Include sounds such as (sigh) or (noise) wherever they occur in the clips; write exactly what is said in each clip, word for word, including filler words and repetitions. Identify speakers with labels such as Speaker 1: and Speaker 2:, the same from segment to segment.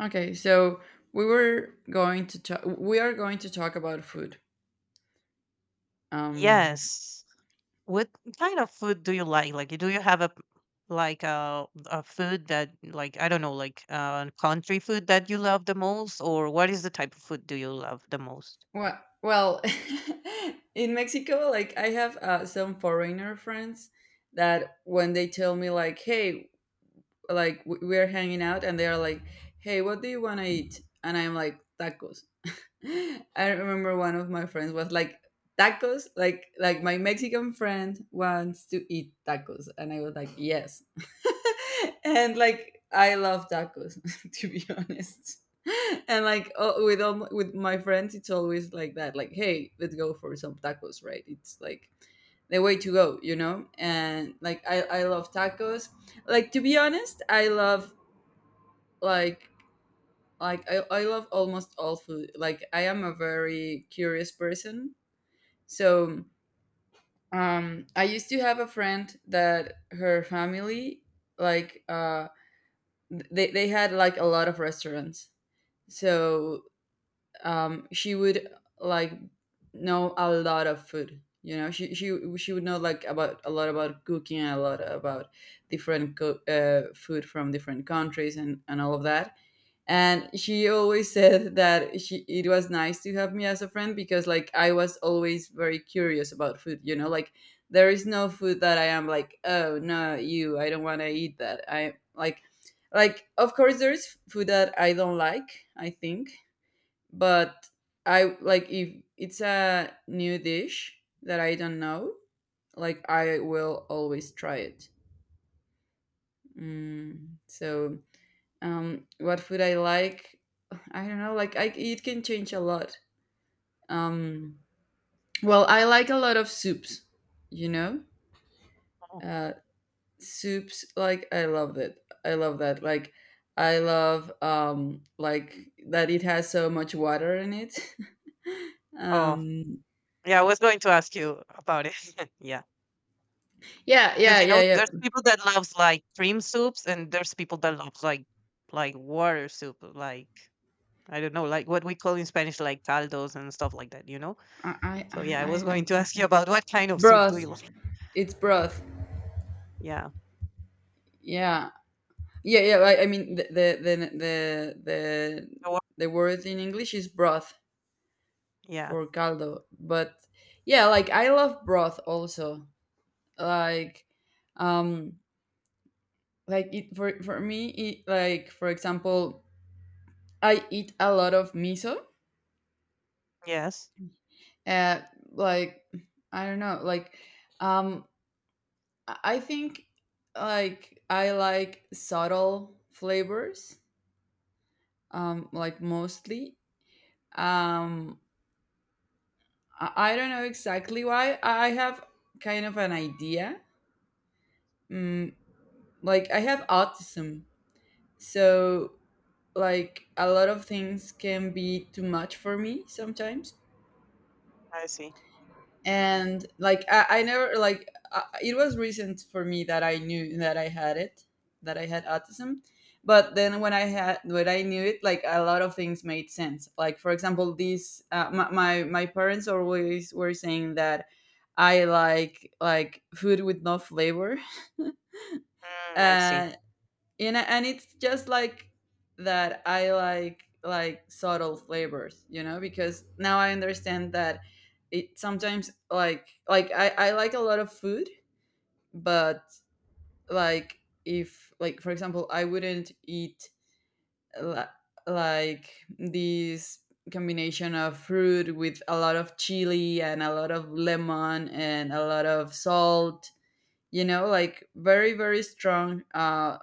Speaker 1: Okay, so we were going to talk. We are going to talk about food. Um,
Speaker 2: Yes. What kind of food do you like? Like, do you have a p- like a a food that like I don't know, like uh, country food that you love the most, or what is the type of food do you love the most?
Speaker 1: well, well, (laughs) in Mexico, like I have uh, some foreigner friends that when they tell me like, "Hey, like we we are hanging out," and they are like, "Hey, what do you want to eat?" and I'm like, "Tacos." I remember one of my friends was like tacos, like like my Mexican friend wants to eat tacos, and I was like yes, (laughs) and like I love tacos (laughs) to be honest, and like oh, with all my, with my friends it's always like that, like hey let's go for some tacos, right? It's like the way to go, you know, and like I I love tacos, like to be honest I love like like I, I love almost all food like I am a very curious person. So um I used to have a friend that her family like uh they, they had like a lot of restaurants. So um she would like know a lot of food, you know, she she she would know like about a lot about cooking and a lot about different co- uh, food from different countries and and all of that, and she always said that she it was nice to have me as a friend because like I was always very curious about food, you know, like there is no food that I am like, oh no, you, I don't want to eat that. I like like of course there is food that I don't like, I think, but I like if it's a new dish that I don't know, like I will always try it. Mm, so um what food I like. I don't know, like I, it can change a lot. Um well I like a lot of soups, you know.
Speaker 2: Oh,
Speaker 1: uh Soups, like I love it, I love that, like I love um like that it has so much water in it. (laughs)
Speaker 2: oh,
Speaker 1: um
Speaker 2: yeah. I was going to ask you about it. (laughs) Yeah,
Speaker 1: yeah,
Speaker 2: because
Speaker 1: yeah,
Speaker 2: you know,
Speaker 1: yeah,
Speaker 2: there's
Speaker 1: yeah.
Speaker 2: people that loves like cream soups, and there's people that loves like like water soup, like I don't know, like what we call in Spanish, like caldos and stuff like that. You know.
Speaker 1: i i
Speaker 2: So yeah, I was
Speaker 1: i, I
Speaker 2: going to ask
Speaker 1: forgot.
Speaker 2: you about what kind of soup do
Speaker 1: Broth,
Speaker 2: you like?
Speaker 1: it's broth.
Speaker 2: Yeah.
Speaker 1: Yeah, yeah, yeah, i, I mean the the the the the the word in English is broth
Speaker 2: Yeah.
Speaker 1: for caldo, but yeah, like I love broth also, like um like it, for for me it, like for example I eat a lot of miso.
Speaker 2: Yes.
Speaker 1: uh like I don't know, like um i I think like I like subtle flavors, um like mostly. um i, I don't know exactly why, I have kind of an idea. mm, like I have autism. So, like, a lot of things can be too much for me sometimes.
Speaker 2: I see.
Speaker 1: And, like, I, I never, like, I, it was recent for me that I knew that I had it, that I had autism. But then when I had, when I knew it, like, a lot of things made sense. Like, for example, these, uh, my, my, my parents always were saying that I like, like, food with no flavor. (laughs)
Speaker 2: Mm, I see.
Speaker 1: Uh, And know and it's just like that I like like subtle flavors, you know, because now I understand that it sometimes like like i, I like a lot of food, but like if like for example I wouldn't eat la- like this combination of fruit with a lot of chili and a lot of lemon and a lot of salt, you know, like very very strong uh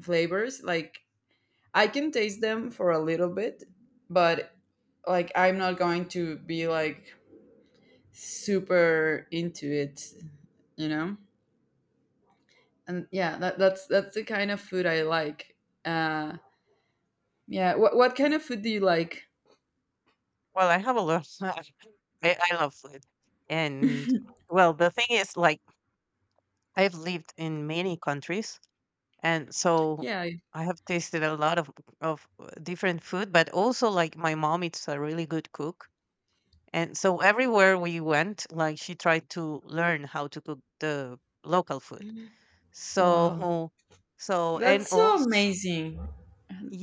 Speaker 1: flavors. Like I can taste them for a little bit, but like I'm not going to be like super into it, you know? And yeah, that, that's that's the kind of food I like. Uh yeah, what what kind of food do you like?
Speaker 2: Well, I have a lot. (laughs) I, I love food. And well, the thing is, like, I've lived in many countries. And so
Speaker 1: Yeah, I-
Speaker 2: I have tasted a lot of, of uh, different food, but also, like, my mom is a really good cook. And so everywhere we went, like, she tried to learn how to cook the local food.
Speaker 1: Wow.
Speaker 2: So, so, and
Speaker 1: That's so
Speaker 2: also,
Speaker 1: amazing.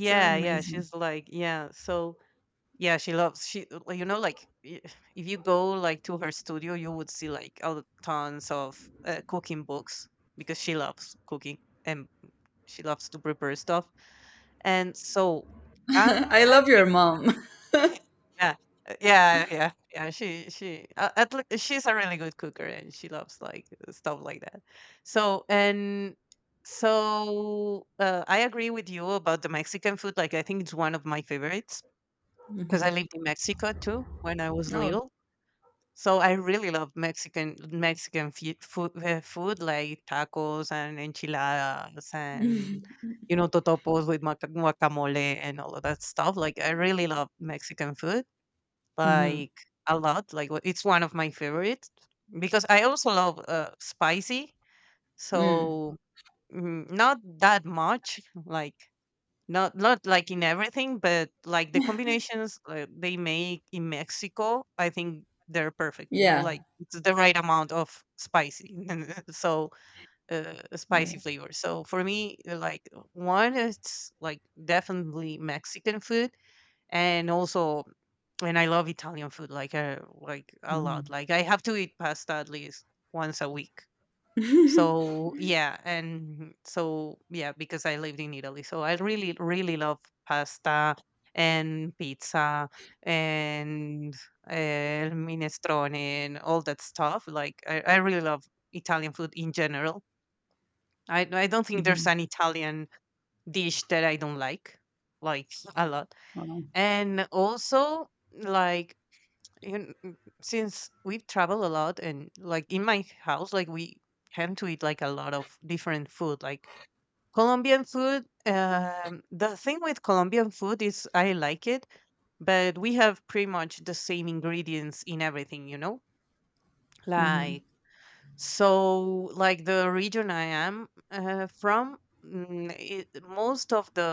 Speaker 1: So
Speaker 2: yeah,
Speaker 1: amazing.
Speaker 2: she's like, yeah. So, yeah, she loves she like, you know like i- if you go like to her studio, you would see like all the tons of uh, cooking books because she loves cooking and she loves to prepare stuff. And so
Speaker 1: (laughs)
Speaker 2: um,
Speaker 1: I
Speaker 2: I
Speaker 1: love your mom.
Speaker 2: really- (laughs) yeah, uh, yeah, yeah, yeah. She she uh, at le- she's a really good cooker and she loves like stuff like that. So and so uh, I agree with you about the Mexican food. Like I think it's one of my favorites.
Speaker 1: (laughs)
Speaker 2: 'Cause
Speaker 1: Hmm.
Speaker 2: I lived in Mexico too when I was
Speaker 1: Oh.
Speaker 2: little. So I really love Mexican Mexican fu food uh, food like tacos and enchiladas
Speaker 1: (laughs)
Speaker 2: and, you know, totopos with maca guacamole and all of that stuff. Like, I really love Mexican food,
Speaker 1: Hmm.
Speaker 2: like, a lot. Like, w it's one of my favorites because I also love, uh, spicy.
Speaker 1: Mm.
Speaker 2: So, mm, not that much, like not not like in everything, but like the combinations uh, they make in Mexico, I think they're perfect. You know,
Speaker 1: Yeah.
Speaker 2: like it's the right amount of spicy, (laughs) and so uh,
Speaker 1: Yeah.
Speaker 2: spicy flavor. So for me, uh, like one, it's like definitely Mexican food, and also, and I love Italian food, like uh, like a lot.
Speaker 1: Mm.
Speaker 2: Like I have to eat pasta at least once a week.
Speaker 1: (laughs)
Speaker 2: So yeah, and so yeah, because I lived in Italy, so I really, really love pasta and pizza and uh, minestrone and all that stuff. Like I, I really love Italian food in general. I I don't think there's
Speaker 1: Mhm.
Speaker 2: an Italian dish that I don't like, like a lot.
Speaker 1: Wow.
Speaker 2: And also like you kn- since we travel a lot and like in my house like we tend to eat like a lot of different food like Colombian food. um the thing with Colombian food is I like it, but we have pretty much the same ingredients in everything, you know,
Speaker 1: Hmm.
Speaker 2: like, so like the region I am uh, from, mm, it, most of the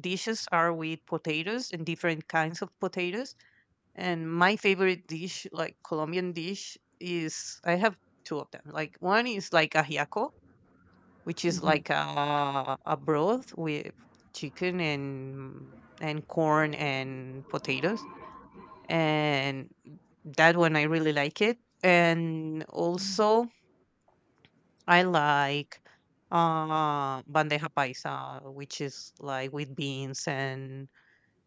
Speaker 2: dishes are with potatoes and different kinds of potatoes. And my favorite dish, like Colombian dish, is I have two of them. Like one is like ajiaco, which is
Speaker 1: Hmm.
Speaker 2: like a, a broth with chicken and and corn and potatoes. And that one I really like it. And also I like uh bandeja paisa, which is like with beans and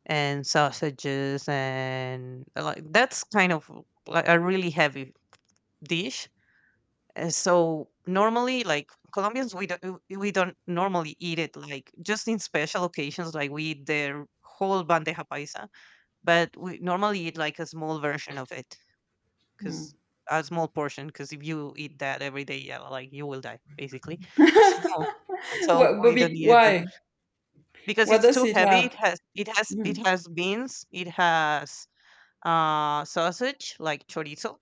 Speaker 2: and sausages and uh, like that's kind of like a really heavy dish. Uh, so normally, like Colombians, we don't w- we don't normally eat it like just in special occasions, like we eat the whole bandeja paisa, but we normally eat like a small version of it
Speaker 1: Mm.
Speaker 2: because a small portion. Because if you eat that every day, yeah, like you will die basically. (laughs) So,
Speaker 1: (laughs)
Speaker 2: so
Speaker 1: What, but
Speaker 2: we don't
Speaker 1: be-
Speaker 2: eat it that
Speaker 1: why?
Speaker 2: much. Because
Speaker 1: What
Speaker 2: it's
Speaker 1: does
Speaker 2: too
Speaker 1: it
Speaker 2: heavy. It
Speaker 1: have?
Speaker 2: has it has it
Speaker 1: Mhm,
Speaker 2: has beans. It has uh sausage like chorizo,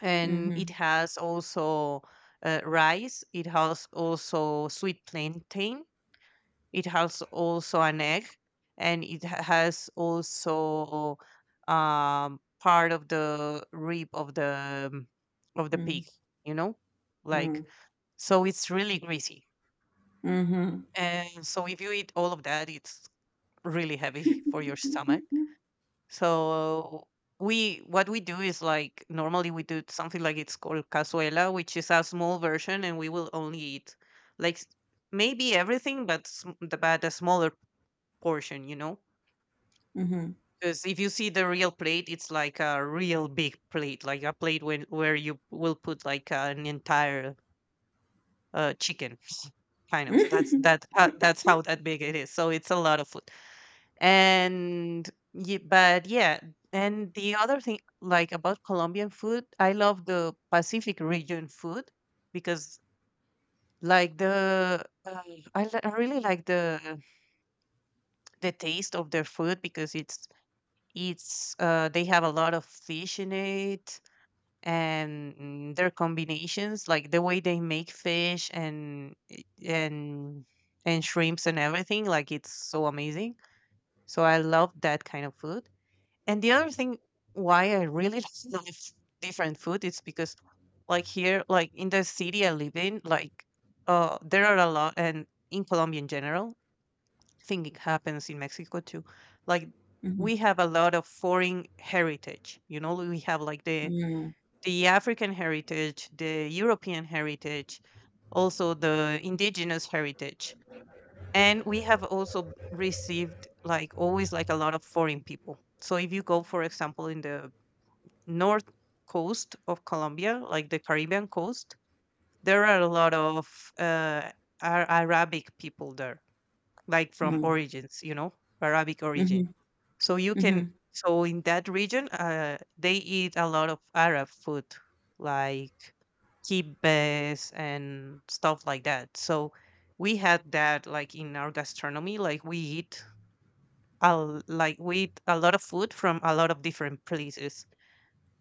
Speaker 2: and it
Speaker 1: mhm,
Speaker 2: has also uh, rice. It has also sweet plantain. It has also an egg, and it ha- has also um, part of the rib of the mm, of the pig.
Speaker 1: mhm,
Speaker 2: You know, like,
Speaker 1: mhm,
Speaker 2: so, it's really greasy,
Speaker 1: mhm,
Speaker 2: and so if you eat all of that, it's really heavy (laughs) for your stomach. So we what we do is like normally we do something like it's called cazuela, which is a small version, and we will only eat like s- maybe everything, but sm- the but a smaller portion, you know.
Speaker 1: mhm, mhm,
Speaker 2: Because if you see the real plate, it's like a real big plate, like a plate when where you will put like an entire uh, chicken, kind of. That's that.
Speaker 1: (laughs)
Speaker 2: Uh, that's how that big it is. So it's a lot of food. And ye but yeah, and the other thing, like, about Colombian food, I love the Pacific region food because, like, the uh, I li I really like the the taste of their food because it's it's, uh, they have a lot of fish in it, and their combinations, like, the way they make fish and and and shrimps and everything, like, it's so amazing. So I love that kind of food. And the other thing why I really (laughs) love different food is because, like here, like in the city I live in, like uh, there are a lot, and in Colombia in general, I think it happens in Mexico too. Like
Speaker 1: mhm,
Speaker 2: we have a lot of foreign heritage. You know, we have like the
Speaker 1: mhm,
Speaker 2: the African heritage, the European heritage, also the indigenous heritage. And we have also received like always like a lot of foreign people. So if you go, for example, in the north coast of Colombia, like the Caribbean coast, there are a lot of uh, Ar- Arabic people there, like from
Speaker 1: mhm,
Speaker 2: origins, you know, Arabic origin.
Speaker 1: mhm,
Speaker 2: So you can,
Speaker 1: mhm,
Speaker 2: so in that region, uh, they eat a lot of Arab food, like kibbes and stuff like that. So we had that like in our gastronomy, like we eat. A, l- like we eat a lot of food from a lot of different places,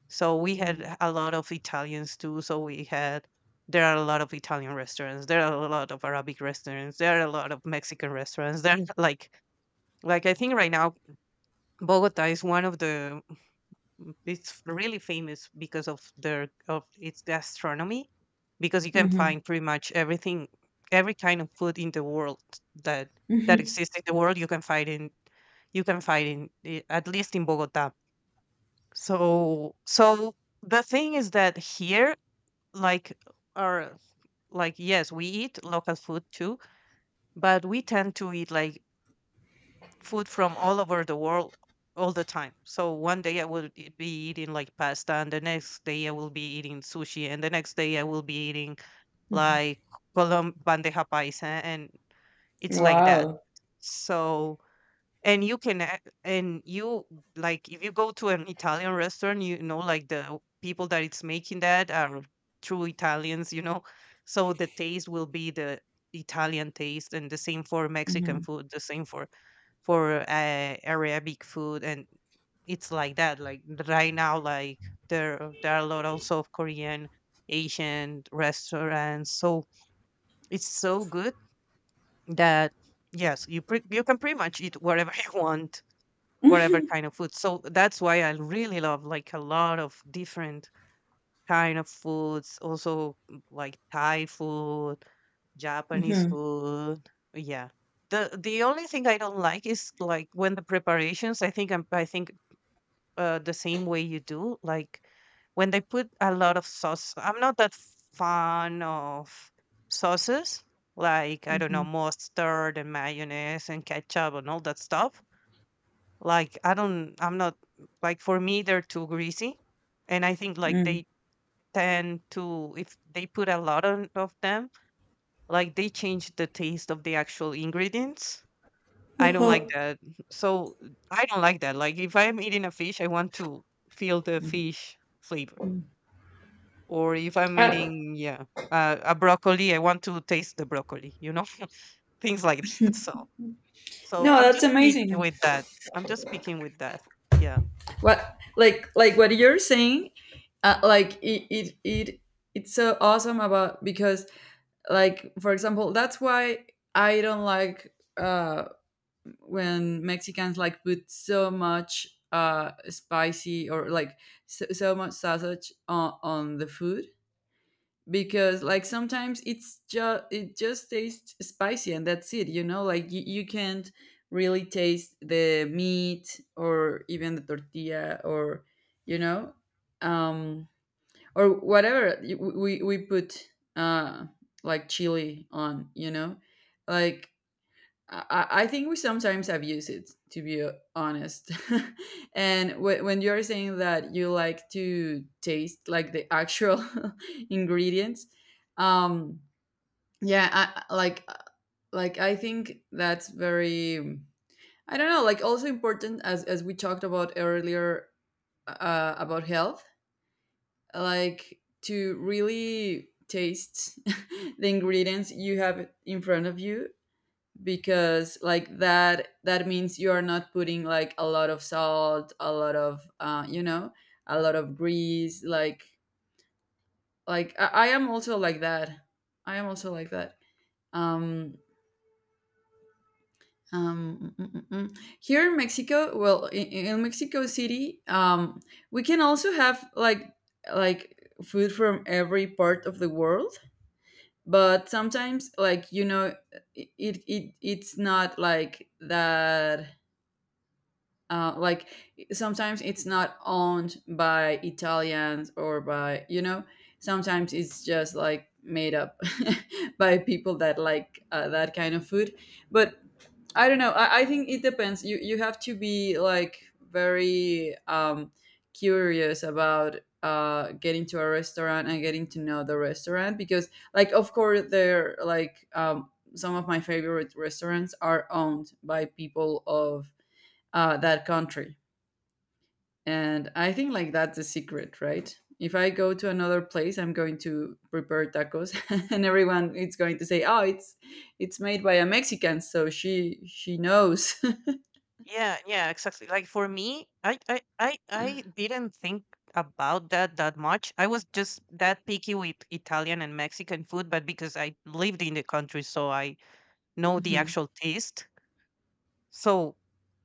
Speaker 2: so we
Speaker 1: mhm,
Speaker 2: had a lot of Italians too. So we had there are a lot of Italian restaurants. There are a lot of Arabic restaurants. There are a lot of Mexican restaurants. There (laughs) are, like like I think right now Bogota is one of the it's really famous because of their of its gastronomy, because you can
Speaker 1: mhm.
Speaker 2: find pretty much everything, every kind of food in the world, that that exists in the world you can find in, you can find in i- at least in Bogota. So so the thing is that here, like, or like yes we eat local food too, but we tend to eat like food from all over the world all the time. So one day I would e- be eating like pasta, and the next day I will be eating sushi, and the next day I will be eating like colom bandeja paisa, and it's like that.
Speaker 1: Wow.
Speaker 2: So and you can a- and you, like if you go to an Italian restaurant, you know, like the people that it's making that are true Italians, you know, so the taste will be the Italian taste, and the same for Mexican
Speaker 1: Mhm,
Speaker 2: food, the same for for uh, Arabic food. And it's like that, like right now, like there there are a lot also of Korean Asian restaurants, so it's so good that yes you pre- you can pretty much eat whatever (laughs) you want, whatever kind of food. So that's why I really love like a lot of different kind of foods, also mm, like Thai food, Japanese
Speaker 1: mhm,
Speaker 2: food. Yeah. The the only thing I don't like is like when the preparations, I think I'm I think uh, the same way you do, like when they put a lot of sauce. I'm not that fan of sauces, like I don't know,
Speaker 1: mhm,
Speaker 2: mustard and mayonnaise and ketchup and all that stuff like, I don't I'm not like, for me, they're too greasy, and I think, like,
Speaker 1: mhm.
Speaker 2: they tend to if they put a lot on of them, like, they change the taste of the actual ingredients. I don't like
Speaker 1: Uh-huh.
Speaker 2: that. So, I don't like that. Like, if I'm eating a fish, I want to feel the fish flavor, or if I'm
Speaker 1: I-
Speaker 2: eating yeah, uh, a broccoli, I want to taste the broccoli, you know? (laughs) Things like that. So so
Speaker 1: No,
Speaker 2: I'm
Speaker 1: that's
Speaker 2: just speaking
Speaker 1: amazing.
Speaker 2: with that. I'm just speaking with that. Yeah.
Speaker 1: What like like what you're saying, uh, like it, it it it's so awesome about because like for example, that's why I don't like uh. when Mexicans like put so much uh spicy, or like so, so much sausage on, on the food, because like sometimes it's just it just tastes spicy and that's it, you know, like you, you can't really taste the meat or even the tortilla or you know. Um or whatever y- we we put uh like chili on, you know. Like I, I I think we sometimes abuse it, to be honest. (laughs) and w- when you're saying that you like to taste like the actual (laughs) ingredients, um, yeah, I, I- like like I think that's very, I don't know, like also important as as we talked about earlier uh, about health, like to really taste (laughs) the ingredients you have in front of you, because like that that means you are not putting like a lot of salt, a lot of uh, you know, a lot of grease, like like I, I am also like that, i am also like that um um mm, mm, mm, mm. Here in Mexico, well in, in Mexico City, um we can also have like like food from every part of the world. But sometimes like you know it, it it's not like that uh, like sometimes it's not owned by Italians, or by you know, sometimes it's just like made up (laughs) by people that like uh, that kind of food. But I don't know, I, I think it depends, you you have to be like very um curious about uh getting to a restaurant and getting to know the restaurant, because like of course they're like um some of my favorite restaurants are owned by people of uh, that country. And I think like that's the secret, right? If I go to another place, I'm going to prepare tacos, (laughs) and everyone is going to say, "Oh, it's it's made by a Mexican, so she she knows." (laughs)
Speaker 2: Yeah, yeah, exactly. Like for me, I, I, I, I didn't think about that that much. I was just that picky with Italian and Mexican food, but because I lived in the country, so I know the
Speaker 1: Mhm.
Speaker 2: actual taste. So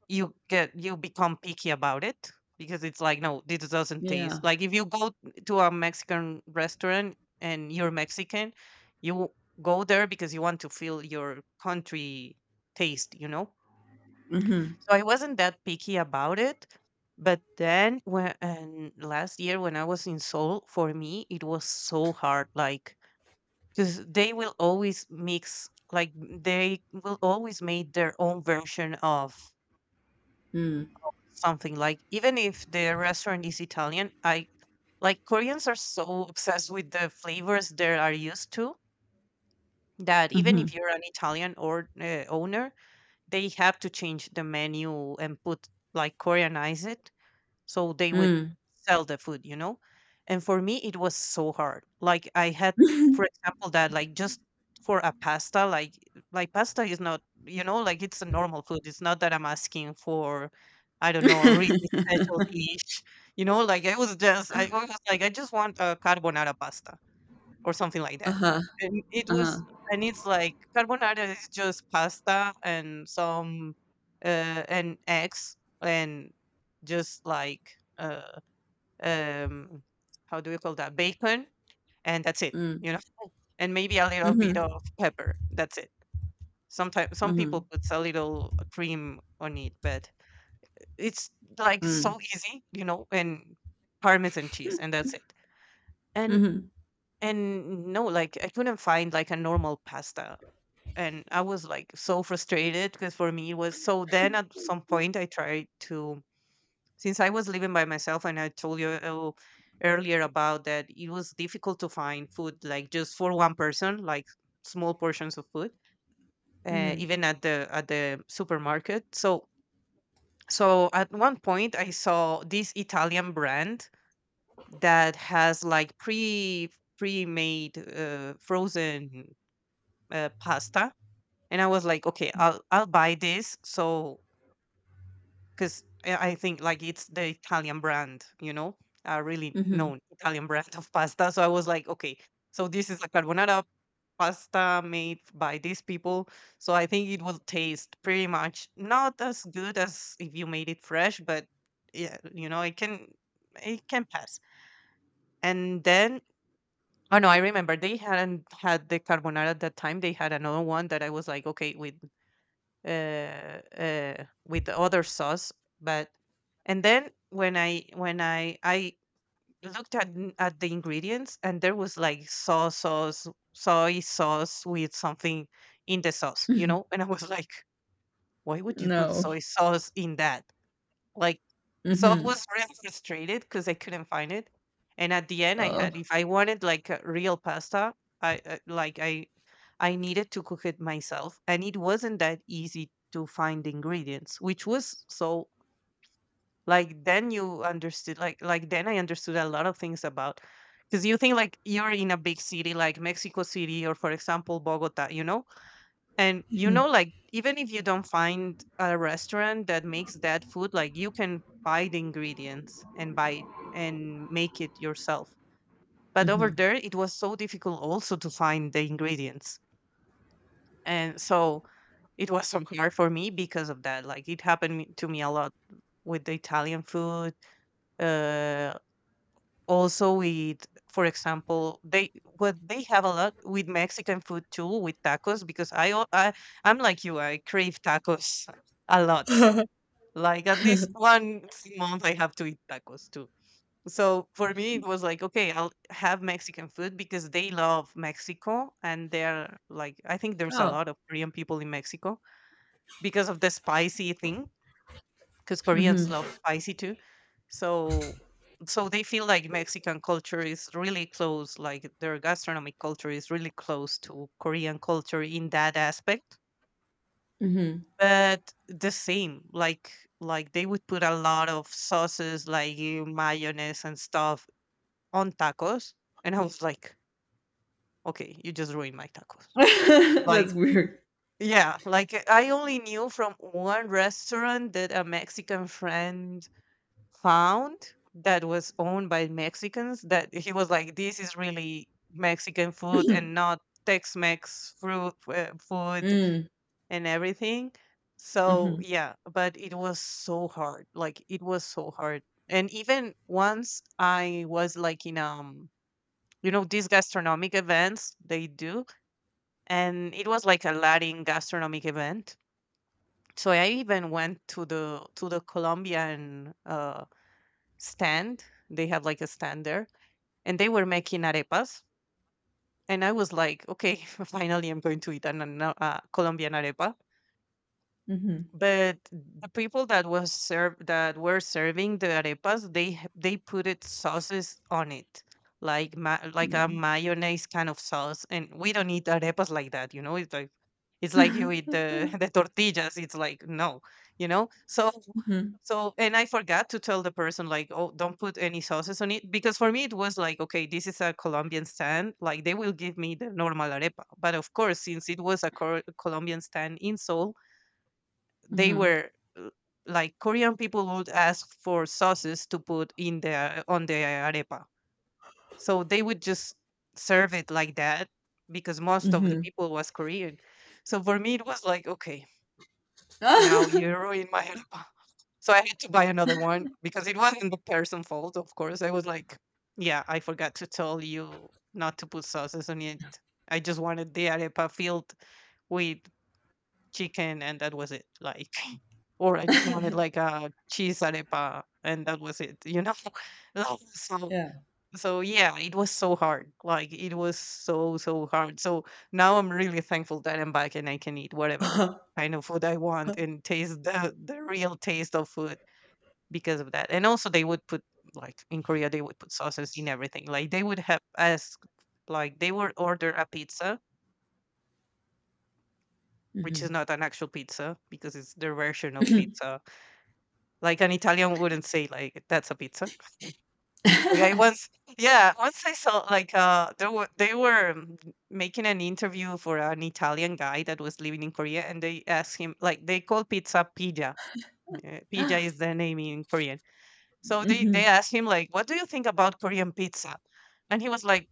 Speaker 2: you get you become picky about it because it's like, no, this doesn't
Speaker 1: Yeah.
Speaker 2: taste like. If you go to a Mexican restaurant and you're Mexican, you go there because you want to feel your country taste, you know?
Speaker 1: Mm-hmm.
Speaker 2: So I wasn't that picky about it. But then when and last year when I was in Seoul, for me it was so hard. Like because they will always mix, like they will always make their own version of
Speaker 1: Mm.
Speaker 2: something. Like even if the restaurant is Italian, I like Koreans are so obsessed with the flavors they are used to that even
Speaker 1: Mm-hmm.
Speaker 2: if you're an Italian or uh, owner, they have to change the menu and put like Koreanize it so they would
Speaker 1: Mm.
Speaker 2: sell the food, you know. And for me it was so hard. Like I had for example that like just for a pasta, like like pasta is not, you know, like it's a normal food. It's not that I'm asking for, I don't know, a really
Speaker 1: (laughs)
Speaker 2: special dish, you know. Like i was just i was like, I just want a carbonara pasta or something like that.
Speaker 1: Uh-huh.
Speaker 2: And it
Speaker 1: Uh-huh.
Speaker 2: was, and it's like carbonara is just pasta and some uh, and eggs and just like uh, um, how do you call that, bacon, and that's it,
Speaker 1: Mm.
Speaker 2: you know, and maybe a little bit
Speaker 1: Mm-hmm.
Speaker 2: of pepper. That's it. Sometimes some people
Speaker 1: Mm-hmm.
Speaker 2: puts a little cream on it, but it's like so easy, you know, and parmesan cheese, and that's it. And
Speaker 1: Mm-hmm.
Speaker 2: and no, like I couldn't find like a normal pasta, and I was like so frustrated because for me it was so. Then at some point I tried to, since I was living by myself, and I told you uh, earlier about that it was difficult to find food like just for one person, like small portions of food, uh,
Speaker 1: Mm-hmm.
Speaker 2: even at the at the supermarket. So so at one point I saw this Italian brand that has like pre pre-made uh, frozen uh, pasta. And I was like, okay, I'll I'll buy this. So because I I think like it's the Italian brand, you know, a really
Speaker 1: Mm-hmm.
Speaker 2: known Italian (laughs) brand of pasta. So I was like, okay, so this is a carbonara pasta made by these people. So I think it will taste pretty much not as good as if you made it fresh, but yeah, you know, it can it can pass. And then oh no, I remember they hadn't had the carbonara at that time. They had another one that I was like, okay, wait, uh, uh, with the other sauce. But and then when I when I I looked at n- at the ingredients, and there was like soy sauce, soy sauce with something in the sauce, you know. And I was (laughs) like, why would you put
Speaker 1: No.
Speaker 2: soy sauce in that? Like, so I
Speaker 1: Mm-hmm.
Speaker 2: was really frustrated because I couldn't find it. And at the end, I had
Speaker 1: Oh.
Speaker 2: if I wanted like a real pasta, I uh, like I I needed to cook it myself, and it wasn't that easy to find the ingredients, which was so like then you understood like like then I understood a lot of things about. Because you think like you're in a big city like Mexico City or for example Bogota, you know, and you know,
Speaker 1: Mm-hmm.
Speaker 2: like even if you don't find a restaurant that makes that food, like you can buy the ingredients and buy it and make it yourself. But over
Speaker 1: Mm-hmm.
Speaker 2: there, it was so difficult also to find the ingredients. And so it was so hard for me because of that. Like it happened me- to me a lot with the Italian food. Uh, Also with, for example, they what they have a lot with Mexican food too, with tacos, because I al- I I'm like you, I crave tacos (laughs) a lot.
Speaker 1: (laughs)
Speaker 2: Like at least one month I have to eat tacos too. So for me it was like, okay, I'll have Mexican food because they love Mexico, and they're like I think there's a
Speaker 1: Oh.
Speaker 2: lot of Korean people in Mexico because of the spicy thing, because Koreans love
Speaker 1: Mm-hmm.
Speaker 2: spicy too. So so they feel like Mexican culture is really close, like their gastronomic culture is really close to Korean culture in that aspect.
Speaker 1: Mm-hmm.
Speaker 2: But the same, like like they would put a lot of sauces like uh, mayonnaise and stuff on tacos. And I was like, okay, you just ruined my tacos.
Speaker 1: (laughs)
Speaker 2: Like
Speaker 1: That's weird.
Speaker 2: yeah, like I only knew from one restaurant that a Mexican friend found that was owned by Mexicans, that he was like, this is really Mexican food and not Tex-Mex fruit uh, food
Speaker 1: Mm.
Speaker 2: and everything. So
Speaker 1: Mm-hmm.
Speaker 2: yeah, but it was so hard. Like it was so hard. And even once I was like in um, you know, these gastronomic events they do, and it was like a Latin gastronomic event. So I even went to the to the Colombian uh stand. They have like a stand there, and they were making arepas. And I was like, okay, (laughs) finally, I'm going to eat an, an- uh, Colombian arepa.
Speaker 1: Mm-hmm.
Speaker 2: But the people that was serve that were serving the arepas, they h- they put it sauces on it, like ma- like a mayonnaise kind of sauce. And we don't eat arepas like that, you know. It's like it's like you eat
Speaker 1: Mhm,
Speaker 2: the (laughs) the tortillas. It's like, no, you know. So so and I forgot to tell the person, like, oh, don't put any sauces on it. Because for me it was like, okay, this is a Colombian stand, like they will give me the normal arepa. But of course, since it was a cor- Colombian stand in Seoul, they
Speaker 1: mhm,
Speaker 2: were uh, like Korean people would ask for sauces to put in the on the arepa. So they would just serve it like that because most of the
Speaker 1: mhm.
Speaker 2: people was Korean. So for me it was like, okay, now you
Speaker 1: (laughs)
Speaker 2: ruined my arepa. So I had to buy another one because it wasn't the person's fault, of course. I was like, yeah, I forgot to tell you not to put sauces on it. I just wanted the arepa filled with chicken, and that was it. Like or I just wanted like a cheese arepa, and that was it, you know. (laughs) Like, so
Speaker 1: Yeah.
Speaker 2: so yeah, it was so hard. Like it was so so hard. So now I'm really thankful that I'm back and I can eat whatever
Speaker 1: (laughs)
Speaker 2: kind of food I want and taste the the real taste of food because of that. And also they would put like in Korea they would put sauces in everything. Like they would have ask like they would order a pizza, which is
Speaker 1: Mhm.
Speaker 2: not an actual pizza because it's their version of pizza. Like an Italian wouldn't say like that's a pizza. Like I once,
Speaker 1: (laughs)
Speaker 2: yeah, once I saw like uh there were they were um, making an interview for an Italian guy that was living in Korea, and they asked him like they call pizza pija. Uh, pija is the name in Korean. So they they
Speaker 1: Mhm.
Speaker 2: asked him like, what do you think about Korean pizza? And he was like,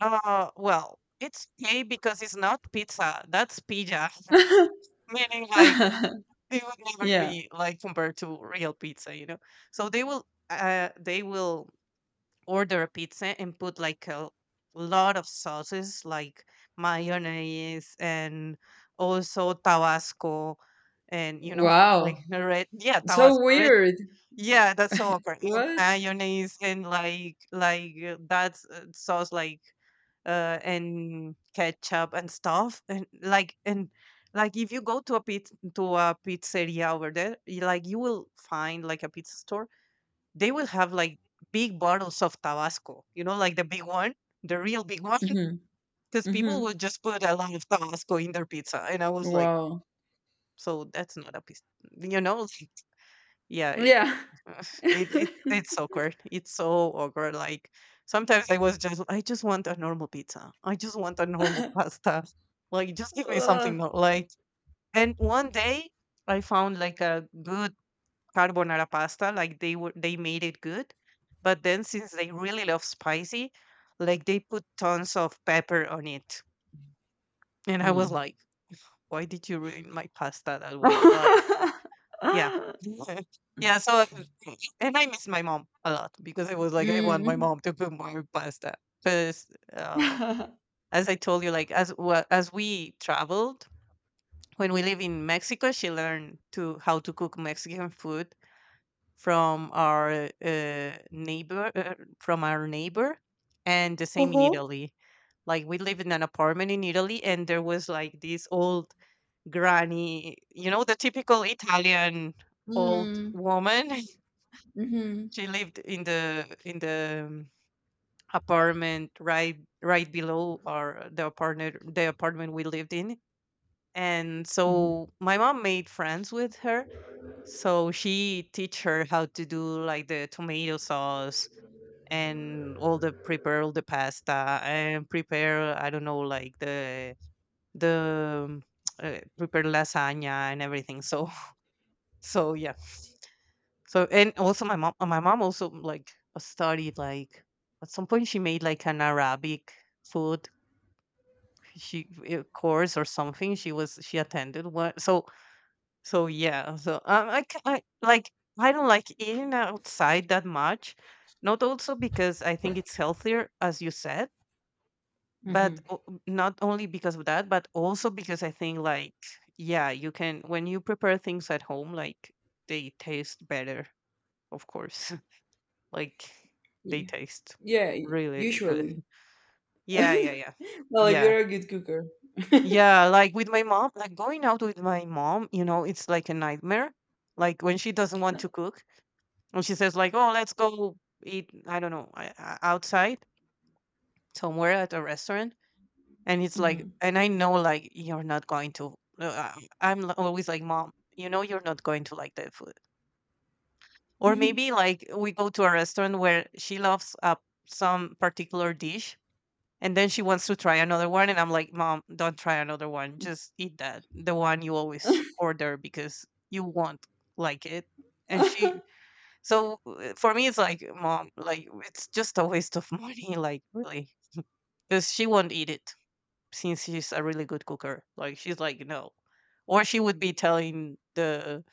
Speaker 2: uh, well, it's gay because it's not pizza. That's pija, (laughs) meaning like
Speaker 1: (laughs)
Speaker 2: it would never
Speaker 1: Yeah.
Speaker 2: be like compared to real pizza, you know. So they will uh they will order a pizza and put like a lot of sauces like mayonnaise and also tabasco, and you know (laughs) like
Speaker 1: Wow.
Speaker 2: red, yeah,
Speaker 1: So
Speaker 2: tabasco red,
Speaker 1: weird.
Speaker 2: yeah, that's so awkward, and
Speaker 1: What?
Speaker 2: mayonnaise and like like uh, that's uh, sauce like uh and ketchup and stuff and like and like if you go to a pizza to a pizzeria over there, you like you will find like a pizza store. They will have like big bottles of Tabasco, you know, like the big one, the real big one. (laughs)
Speaker 1: Mhm,
Speaker 2: Because people
Speaker 1: mhm.
Speaker 2: would just put a lot of Tabasco in their pizza. And I was like,
Speaker 1: Wow.
Speaker 2: so that's not a pizza, you know? (laughs) Like, yeah, it,
Speaker 1: Yeah.
Speaker 2: (sighs) (laughs) it it,
Speaker 1: (laughs)
Speaker 2: it's awkward. It's so awkward. Like sometimes I was just, I just want a normal pizza. I just want a normal (laughs) pasta. Like just give me something
Speaker 1: Ugh.
Speaker 2: nor- like. And one day I found like a good carbonara pasta like they were they made it good, but then since they really love spicy, like they put tons of pepper on it, and I was
Speaker 1: Mm.
Speaker 2: like, why did you ruin my pasta that way? Like,
Speaker 1: (laughs)
Speaker 2: yeah. (laughs) Yeah, so, and I miss my mom a lot because I was like, I want my
Speaker 1: Mm.
Speaker 2: mom to put more pasta because uh,
Speaker 1: (laughs)
Speaker 2: as I told you, like as well as we traveled, when we live in Mexico she learned to how to cook Mexican food from our uh, neighbor, uh, from our neighbor, and the same in
Speaker 1: Uh-huh.
Speaker 2: Italy. Like we live in an apartment in Italy, and there was like this old granny, you know, the typical Italian old
Speaker 1: Mm.
Speaker 2: woman. (laughs)
Speaker 1: Mhm,
Speaker 2: She lived in the in the um, apartment right right below our the apartment the apartment we lived in. And
Speaker 1: mhm,
Speaker 2: so my mom made friends with her, so she teach her how to do like the tomato sauce and all the prepare all the pasta, and prepare, I don't know, like the the uh, prepare lasagna and everything. So (laughs) so yeah. So, and also my mom my mom also like studied like, at some point she made like an Arabic food, she uh, course or something, she was she attended what. So so yeah, so um, I, ca- I like, I don't like eating outside that much. Not also because I think it's healthier as you said, but
Speaker 1: mhm.
Speaker 2: o m not only because of that, but also because I think, like, yeah, you can when you prepare things at home, like, they taste better, of course. (laughs) Like, they
Speaker 1: Yeah.
Speaker 2: taste
Speaker 1: Yeah, y
Speaker 2: really good.
Speaker 1: usually.
Speaker 2: Yeah, yeah,
Speaker 1: (laughs)
Speaker 2: yeah.
Speaker 1: Well, if
Speaker 2: Yeah.
Speaker 1: you're a good cooker.
Speaker 2: Yeah, like, with my mom, like, going out with my mom, you know, it's like a nightmare. Like, when she doesn't want to
Speaker 1: (laughs)
Speaker 2: cook and she says, like, "Oh, let's go eat, I don't know, I I outside somewhere at a restaurant." And it's like,
Speaker 1: Mhm,
Speaker 2: and I know, like, you're not going to uh, I'm l always like, "Mom, you know you're not going to like that food."
Speaker 1: (laughs)
Speaker 2: Or
Speaker 1: mhm.
Speaker 2: maybe, like, we go to a restaurant where she loves, uh, some particular dish, and then she wants to try another one, and I'm like, "Mom, don't try another one. Just eat that, the one you always order because you won't like it."
Speaker 1: (laughs)
Speaker 2: And she, so, uh, for me, it's like, "Mom, like, it's just a waste of (laughs) money, like, really, because she won't eat it since she's a really good cooker." Like she's like, no. Or she would be telling the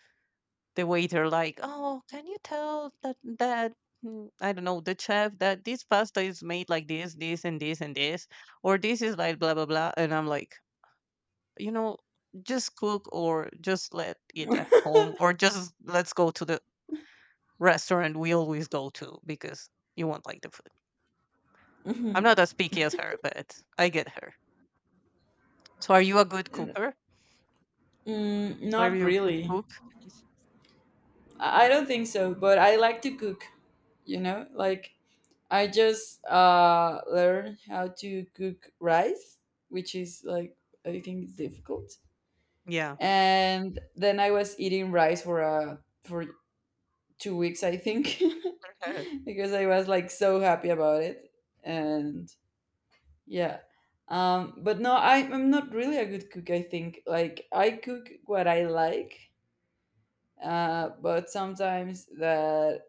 Speaker 2: the waiter like, oh, can you tell that that mm, I don't know, the chef that this pasta is made like this, this, and this, and this, or this is like blah blah blah. And I'm like, you know, just cook, or just let it at home, or just let's go to the restaurant we always go to because you won't like the food. I'm
Speaker 1: Mhm.
Speaker 2: not as picky as her, but I get her. So, are you a good cooker?
Speaker 1: Mm,
Speaker 2: Are
Speaker 1: not
Speaker 2: you a good
Speaker 1: really.
Speaker 2: cook?
Speaker 1: I I don't think so, but I like to cook, you know? Like, I just uh, learned how to cook rice, which is like, I think it's difficult.
Speaker 2: Yeah.
Speaker 1: And then I was eating rice for, uh, for two weeks, I think, (laughs)
Speaker 2: (laughs)
Speaker 1: because I was like so happy about it. And yeah. Um, but no, I, I'm not really a good cook, I think. Like, I cook what I like, uh, but sometimes that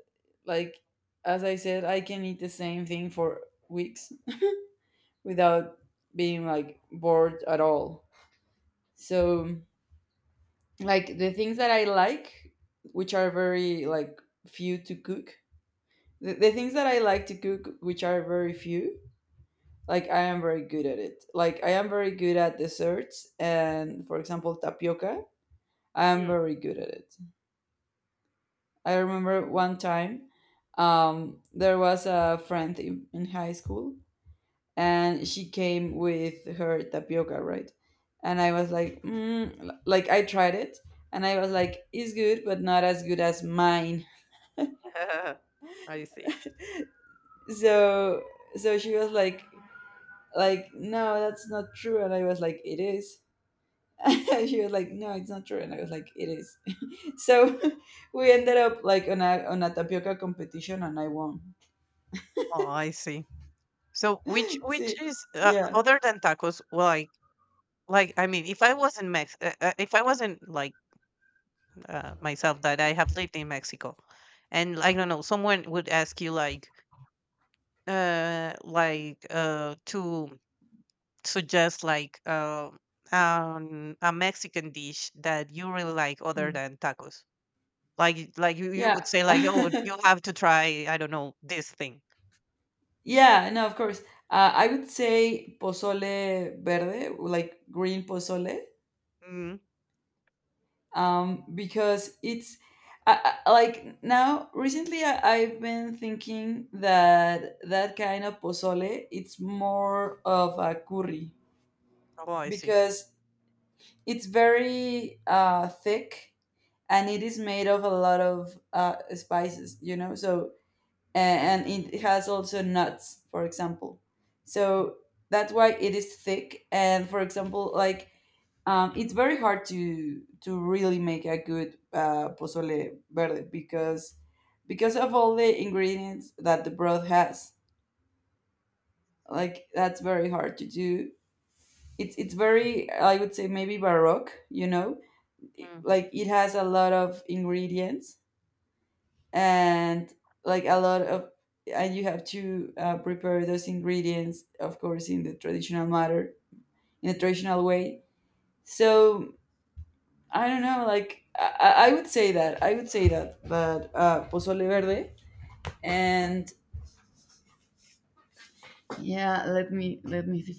Speaker 1: like as I said I can eat the same thing for weeks without being like bored at all. So like the things that I like, which are very like few to cook, the, the things that I like to cook, which are very few, like I am very good at it, like I am very good at desserts, and for example tapioca, I am
Speaker 2: Mm.
Speaker 1: very good at it. I remember one time um, there was a friend in, in high school, and she came with her tapioca, right? And I was like, mm, l- like I tried it, and I was like, it's good, but not as good as mine.
Speaker 2: (laughs) I see.
Speaker 1: So, so she was like, like, no, that's not true. And I was like, it is. (laughs) And she was like, no, it's not true. And I was like, it is. (laughs) So (laughs) we ended up like on a, on a tapioca competition, and I won.
Speaker 2: Oh, I see. So which
Speaker 1: (laughs)
Speaker 2: which
Speaker 1: See,
Speaker 2: is, uh,
Speaker 1: yeah.
Speaker 2: other than tacos, like like I mean, if I was in Mex, uh, uh, if I wasn't like uh, myself that I have lived in Mexico, and I don't know, someone would ask you like uh like uh to suggest like uh, um a Mexican dish that you really like other
Speaker 1: Hmm.
Speaker 2: than tacos. Like like you, you would
Speaker 1: Yeah.
Speaker 2: say like, oh you
Speaker 1: (laughs)
Speaker 2: have to try, I don't know, this thing.
Speaker 1: Yeah, no, of course. Uh, I would say pozole verde, like green pozole, um, because it's I, I- like now recently I, I've been thinking that that kind of pozole it's more of a curry,
Speaker 2: Oh, I see.
Speaker 1: because it's very uh, thick, and it is made of a lot of uh, spices, you know. So a- and it has also nuts, for example.
Speaker 2: Mm.
Speaker 1: So that's why it is thick. And for example, like um, it's very hard to to really make a good uh, pozole verde, because because of all the ingredients that the broth has. Like that's very hard to do. It's it's very, I would say maybe baroque, you know,
Speaker 2: Mm.
Speaker 1: like it has a lot of ingredients, and like a lot of, and you have to uh, prepare those ingredients of course in the traditional manner, in a traditional way. So I don't know, like i, I I would say that, I would say that, but uh pozole verde. And yeah, let me let me th-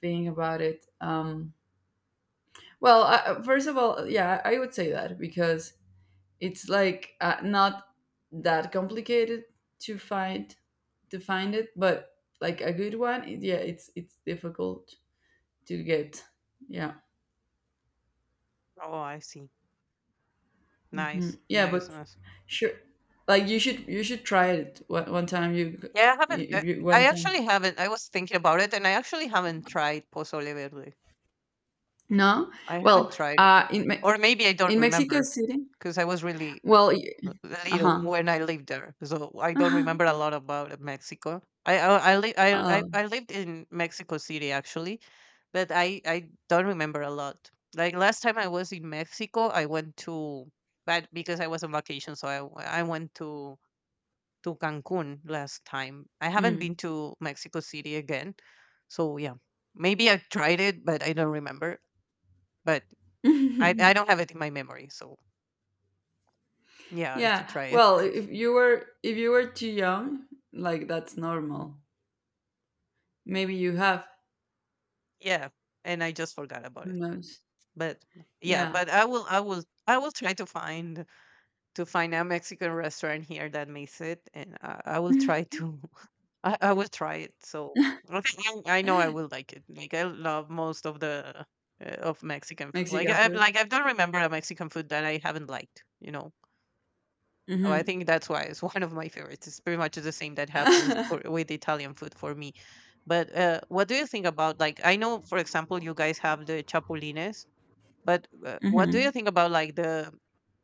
Speaker 1: think about it. Um well I, first of all, yeah, I would say that because it's like uh, not that complicated to find, to find it, but like a good one it- yeah it's it's difficult to get. Yeah.
Speaker 2: Oh, I see. Nice,
Speaker 1: Mhm. Yeah,
Speaker 2: nice,
Speaker 1: but
Speaker 2: nice.
Speaker 1: sure, like you should you should try it one, one time you
Speaker 2: Yeah, I haven't. uh,
Speaker 1: if you
Speaker 2: I
Speaker 1: one time
Speaker 2: actually haven't. I was thinking about it, and I actually haven't tried pozole verde.
Speaker 1: no.
Speaker 2: I haven't
Speaker 1: Well
Speaker 2: tried it,
Speaker 1: uh in Me-
Speaker 2: or maybe I don't
Speaker 1: in Mexico
Speaker 2: remember
Speaker 1: City,
Speaker 2: because I was really
Speaker 1: well.
Speaker 2: l- little
Speaker 1: Uh-huh.
Speaker 2: when I lived there, so I don't remember a
Speaker 1: (laughs)
Speaker 2: lot about uh, Mexico. I I I, li- I, I
Speaker 1: Oh.
Speaker 2: I lived in Mexico City actually, but I I don't remember a lot. Like last time I was in Mexico, I went to, but because I was on vacation, so I w- I went to to Cancun last time. I haven't been
Speaker 1: Mm.
Speaker 2: to Mexico City again. So yeah, maybe I tried it, but I don't remember. But I, I don't
Speaker 1: (laughs)
Speaker 2: have it in my memory. So yeah, I should
Speaker 1: Yeah.
Speaker 2: try it.
Speaker 1: Well, if you were, if you were too young, like that's normal. Maybe you have.
Speaker 2: Yeah, and I just forgot about
Speaker 1: Who
Speaker 2: it.
Speaker 1: knows?
Speaker 2: But yeah,
Speaker 1: Yeah,
Speaker 2: but I will I will I will try to find to find a Mexican restaurant here that makes it, and I, I will try to I, I will try it. So I think I, I know I will like it. Like I love most of the uh, of Mexican food. Like
Speaker 1: Mexican
Speaker 2: I
Speaker 1: food.
Speaker 2: like I don't remember a Mexican food that I haven't liked. You know, so I
Speaker 1: Mhm.
Speaker 2: think that's why it's (laughs) one of my favorites. It's pretty much the same that happens for, with Italian food for me. But uh, what do you think about, like, I know for example you guys have the chapulines, but uh, what do
Speaker 1: Mhm.
Speaker 2: you think about like the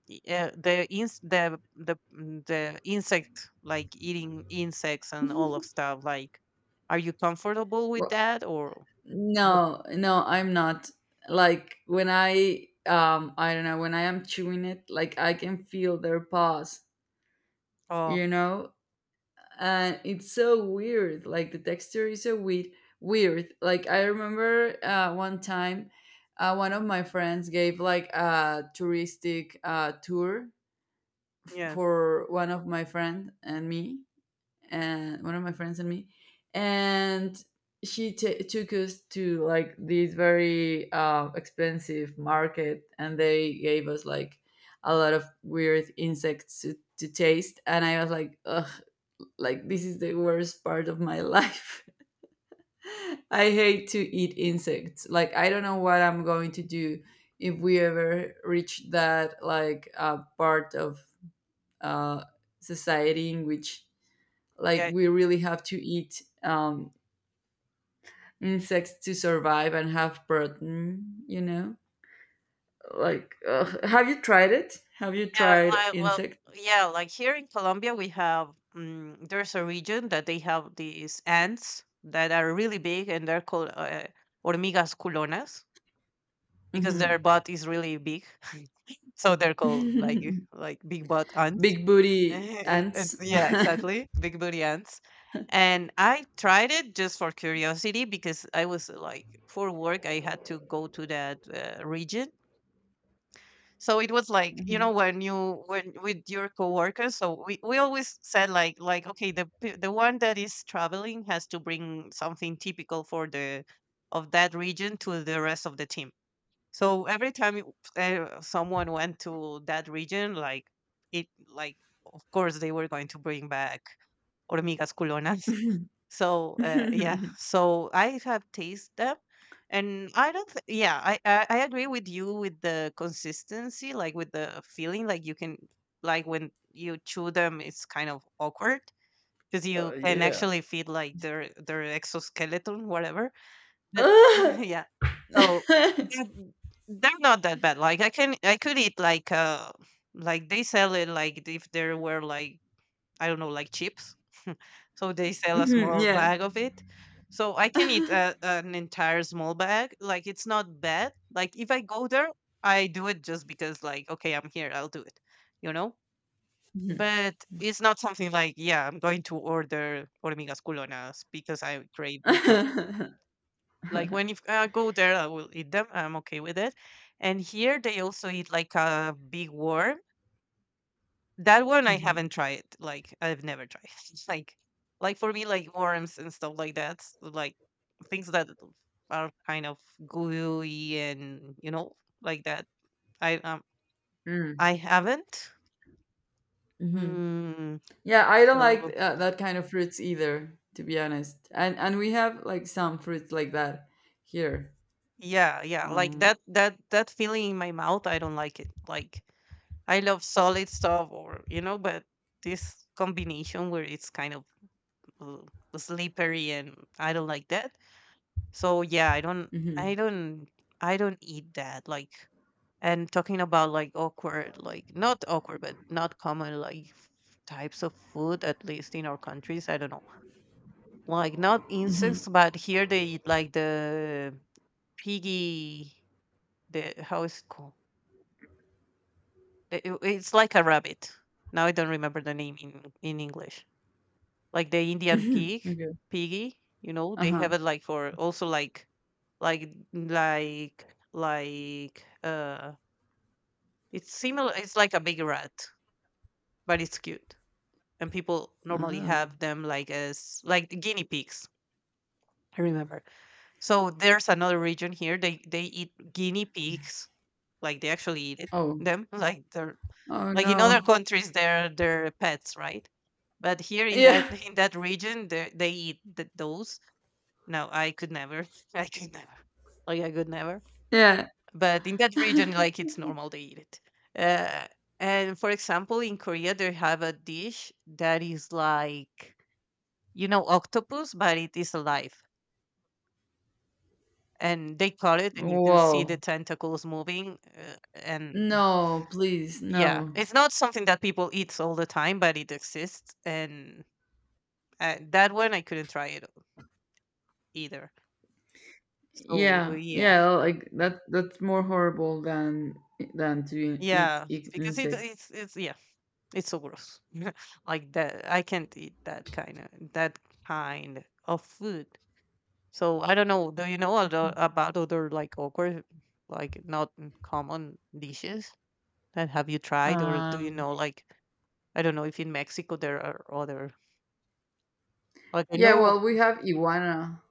Speaker 2: y- uh, the ins the the mm, the insect, like eating insects and all of
Speaker 1: (laughs)
Speaker 2: stuff, like, are you comfortable with
Speaker 1: Well,
Speaker 2: that or what?
Speaker 1: no, no, I'm not. Like when I um I don't know, when I am chewing it, like I can feel their paws,
Speaker 2: Oh
Speaker 1: you know? And it's so weird. Like the texture is so weird weird. Like I remember uh one time uh, one of my friends gave like a touristic uh, tour
Speaker 2: yes,
Speaker 1: for one of my friend and me and one of my friends and me, and she t- took us to like this very uh, expensive market, and they gave us like a lot of weird insects to, to taste, and I was like, ugh, like this is the worst part of my life. (laughs) I hate to eat insects. Like I don't know what I'm going to do if we ever reach that like uh, part of uh, society in which like
Speaker 2: yeah,
Speaker 1: we really have to eat um, insects to survive and have protein, you know, like ugh. Have you tried it, have you
Speaker 2: yeah,
Speaker 1: tried
Speaker 2: like well,
Speaker 1: insect?
Speaker 2: yeah, like here in Colombia we have um, there's a region that they have these ants that are really big and they're called uh, hormigas culonas because their
Speaker 1: Hmm.
Speaker 2: butt is really big. (laughs) So they're called like like big butt.
Speaker 1: (laughs)
Speaker 2: (laughs)
Speaker 1: Big booty
Speaker 2: It's
Speaker 1: ants.
Speaker 2: yeah, exactly.
Speaker 1: (laughs)
Speaker 2: Big booty ants. And I tried it just for curiosity because I was like, for work, I had to go to that uh, region. So it was like, you know, when you when with your coworkers, so we, we always said like like okay, the p- the one that is traveling has to bring something typical for the of that region to the rest of the team. So every time you- uh, someone went to that region, like it, like of course they were going to bring back hormigas culonas. (laughs)
Speaker 1: Mhm.
Speaker 2: So uh, yeah,
Speaker 1: (laughs)
Speaker 2: so I have tasted them, and I don't. Th- yeah, I, I I agree with you with the consistency, like with the feeling, like you can like when you chew them, it's kind of awkward because
Speaker 1: Uh,
Speaker 2: you can
Speaker 1: yeah.
Speaker 2: actually feel like their their exoskeleton, whatever that. (laughs)
Speaker 1: Ugh.
Speaker 2: Yeah. So,
Speaker 1: (laughs)
Speaker 2: that they're not that bad, like, I can I could eat, like, uh, like, they sell it, like, if there were, like, I don't know, like, chips. (laughs) So they sell a
Speaker 1: Mhm,
Speaker 2: small
Speaker 1: yeah.
Speaker 2: bag of it. So I can eat
Speaker 1: (laughs)
Speaker 2: a an entire small bag, like, it's not bad. Like, if I go there, I do it just because, like, "Okay, I'm here, I'll do it," you know?
Speaker 1: Mhm.
Speaker 2: But it's not something like, "Yeah, I'm going to order hormigas culonas because I crave
Speaker 1: (laughs)
Speaker 2: them." No.
Speaker 1: Mhm.
Speaker 2: Like when if I go there, I will eat them. I'm okay with it. And here they also eat like a big worm. That one I haven't tried. Like I've never tried. (laughs) It's Like, like for me, like worms and stuff like that, like things that are kind of gooey and you know like that. I um
Speaker 1: Mm,
Speaker 2: I haven't.
Speaker 1: Mhm.
Speaker 2: Mm,
Speaker 1: Yeah, I don't like
Speaker 2: so
Speaker 1: uh, that kind of fruits either, to be honest. And and we have like some fruits like that here.
Speaker 2: yeah, yeah, like
Speaker 1: Um.
Speaker 2: that that that feeling in my mouth, I don't like it. Like I love solid stuff, or you know, but this combination where it's kind of uh, slippery, and I don't like that. So yeah, I don't, I
Speaker 1: Hmm.
Speaker 2: don't, I don't eat that. Like, and talking about like awkward, like not awkward, but not common like f- types of food, at least in our countries. I don't know, like not insects,
Speaker 1: Hmm.
Speaker 2: but here they eat like the piggy. The how is it called? The- it- It's like a rabbit. Now I don't remember the name in in English. Like the Indian pig,
Speaker 1: Okay.
Speaker 2: piggy, you know,
Speaker 1: Uh
Speaker 2: they
Speaker 1: huh.
Speaker 2: have it like for also like like like like uh it's similar, it's like a big rat, but it's cute. And people normally
Speaker 1: Oh.
Speaker 2: have them like as like the guinea pigs, I remember. So there's another region here. They they eat guinea pigs. Like they actually eat it,
Speaker 1: Oh.
Speaker 2: them. (laughs) Like they're
Speaker 1: Oh
Speaker 2: like in other
Speaker 1: no.
Speaker 2: countries they're they're pets, right? But here in that
Speaker 1: Yeah.
Speaker 2: (laughs) in that region they, they eat th- those. No, I could never. (laughs) I could never. Like, I could never.
Speaker 1: Yeah.
Speaker 2: But in that region, like, it's normal they eat it. Uh, and for example, in Korea, they have a dish that is like, you know, octopus, but it is alive. And they cut it, and you can see the
Speaker 1: Whoa.
Speaker 2: tentacles moving. Uh, and
Speaker 1: No, please,
Speaker 2: yeah,
Speaker 1: no.
Speaker 2: it's not something that people eat all the time, but it exists. And uh, that one, I couldn't try it either. So, uh,
Speaker 1: Yeah.
Speaker 2: yeah.
Speaker 1: Yeah. Like that. That's more horrible than than to eat,
Speaker 2: Yeah,
Speaker 1: eat
Speaker 2: because it,
Speaker 1: insects.
Speaker 2: it's, it's, yeah. It's so gross. (laughs) Like that, I can't eat that kind of that kind of food. So I don't know. Do you know other, about other like awkward, like not common dishes that have you tried, or do you
Speaker 1: Um.
Speaker 2: know like I don't know if in Mexico there are other like I
Speaker 1: Yeah.
Speaker 2: know.
Speaker 1: Well, we have iguana.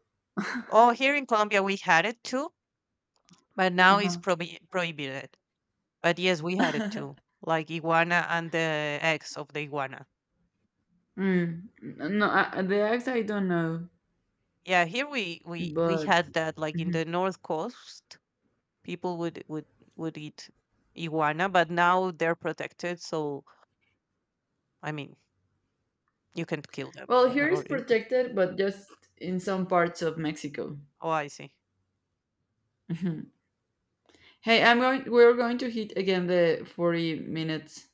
Speaker 2: Oh, here in Colombia we had it too, but now it's
Speaker 1: Uh
Speaker 2: prohibi- prohibited. But yes, we had it
Speaker 1: huh.
Speaker 2: too,
Speaker 1: (laughs)
Speaker 2: like iguana and the eggs of the iguana.
Speaker 1: Mm. N- No, I, the eggs I don't know,
Speaker 2: Yeah, here we we we
Speaker 1: but
Speaker 2: had that like in the
Speaker 1: Mhm.
Speaker 2: north coast, people would would would eat iguana, but now they're protected. So I mean, you can kill them
Speaker 1: Well,
Speaker 2: uh,
Speaker 1: here is
Speaker 2: or eat them.
Speaker 1: protected, but just in some parts of Mexico.
Speaker 2: Oh, I see.
Speaker 1: Mhm. Hey, I'm going. We're going to hit again the forty minutes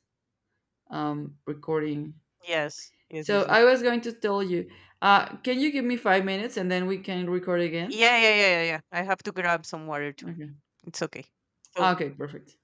Speaker 1: um recording.
Speaker 2: Yes, yes,
Speaker 1: So
Speaker 2: yes, yes.
Speaker 1: I was going to tell you, uh, can you give me five minutes, and then we can record again?
Speaker 2: Yeah, yeah, yeah, yeah, yeah. I have to grab some water too.
Speaker 1: Okay.
Speaker 2: It's okay. So
Speaker 1: Okay. Perfect.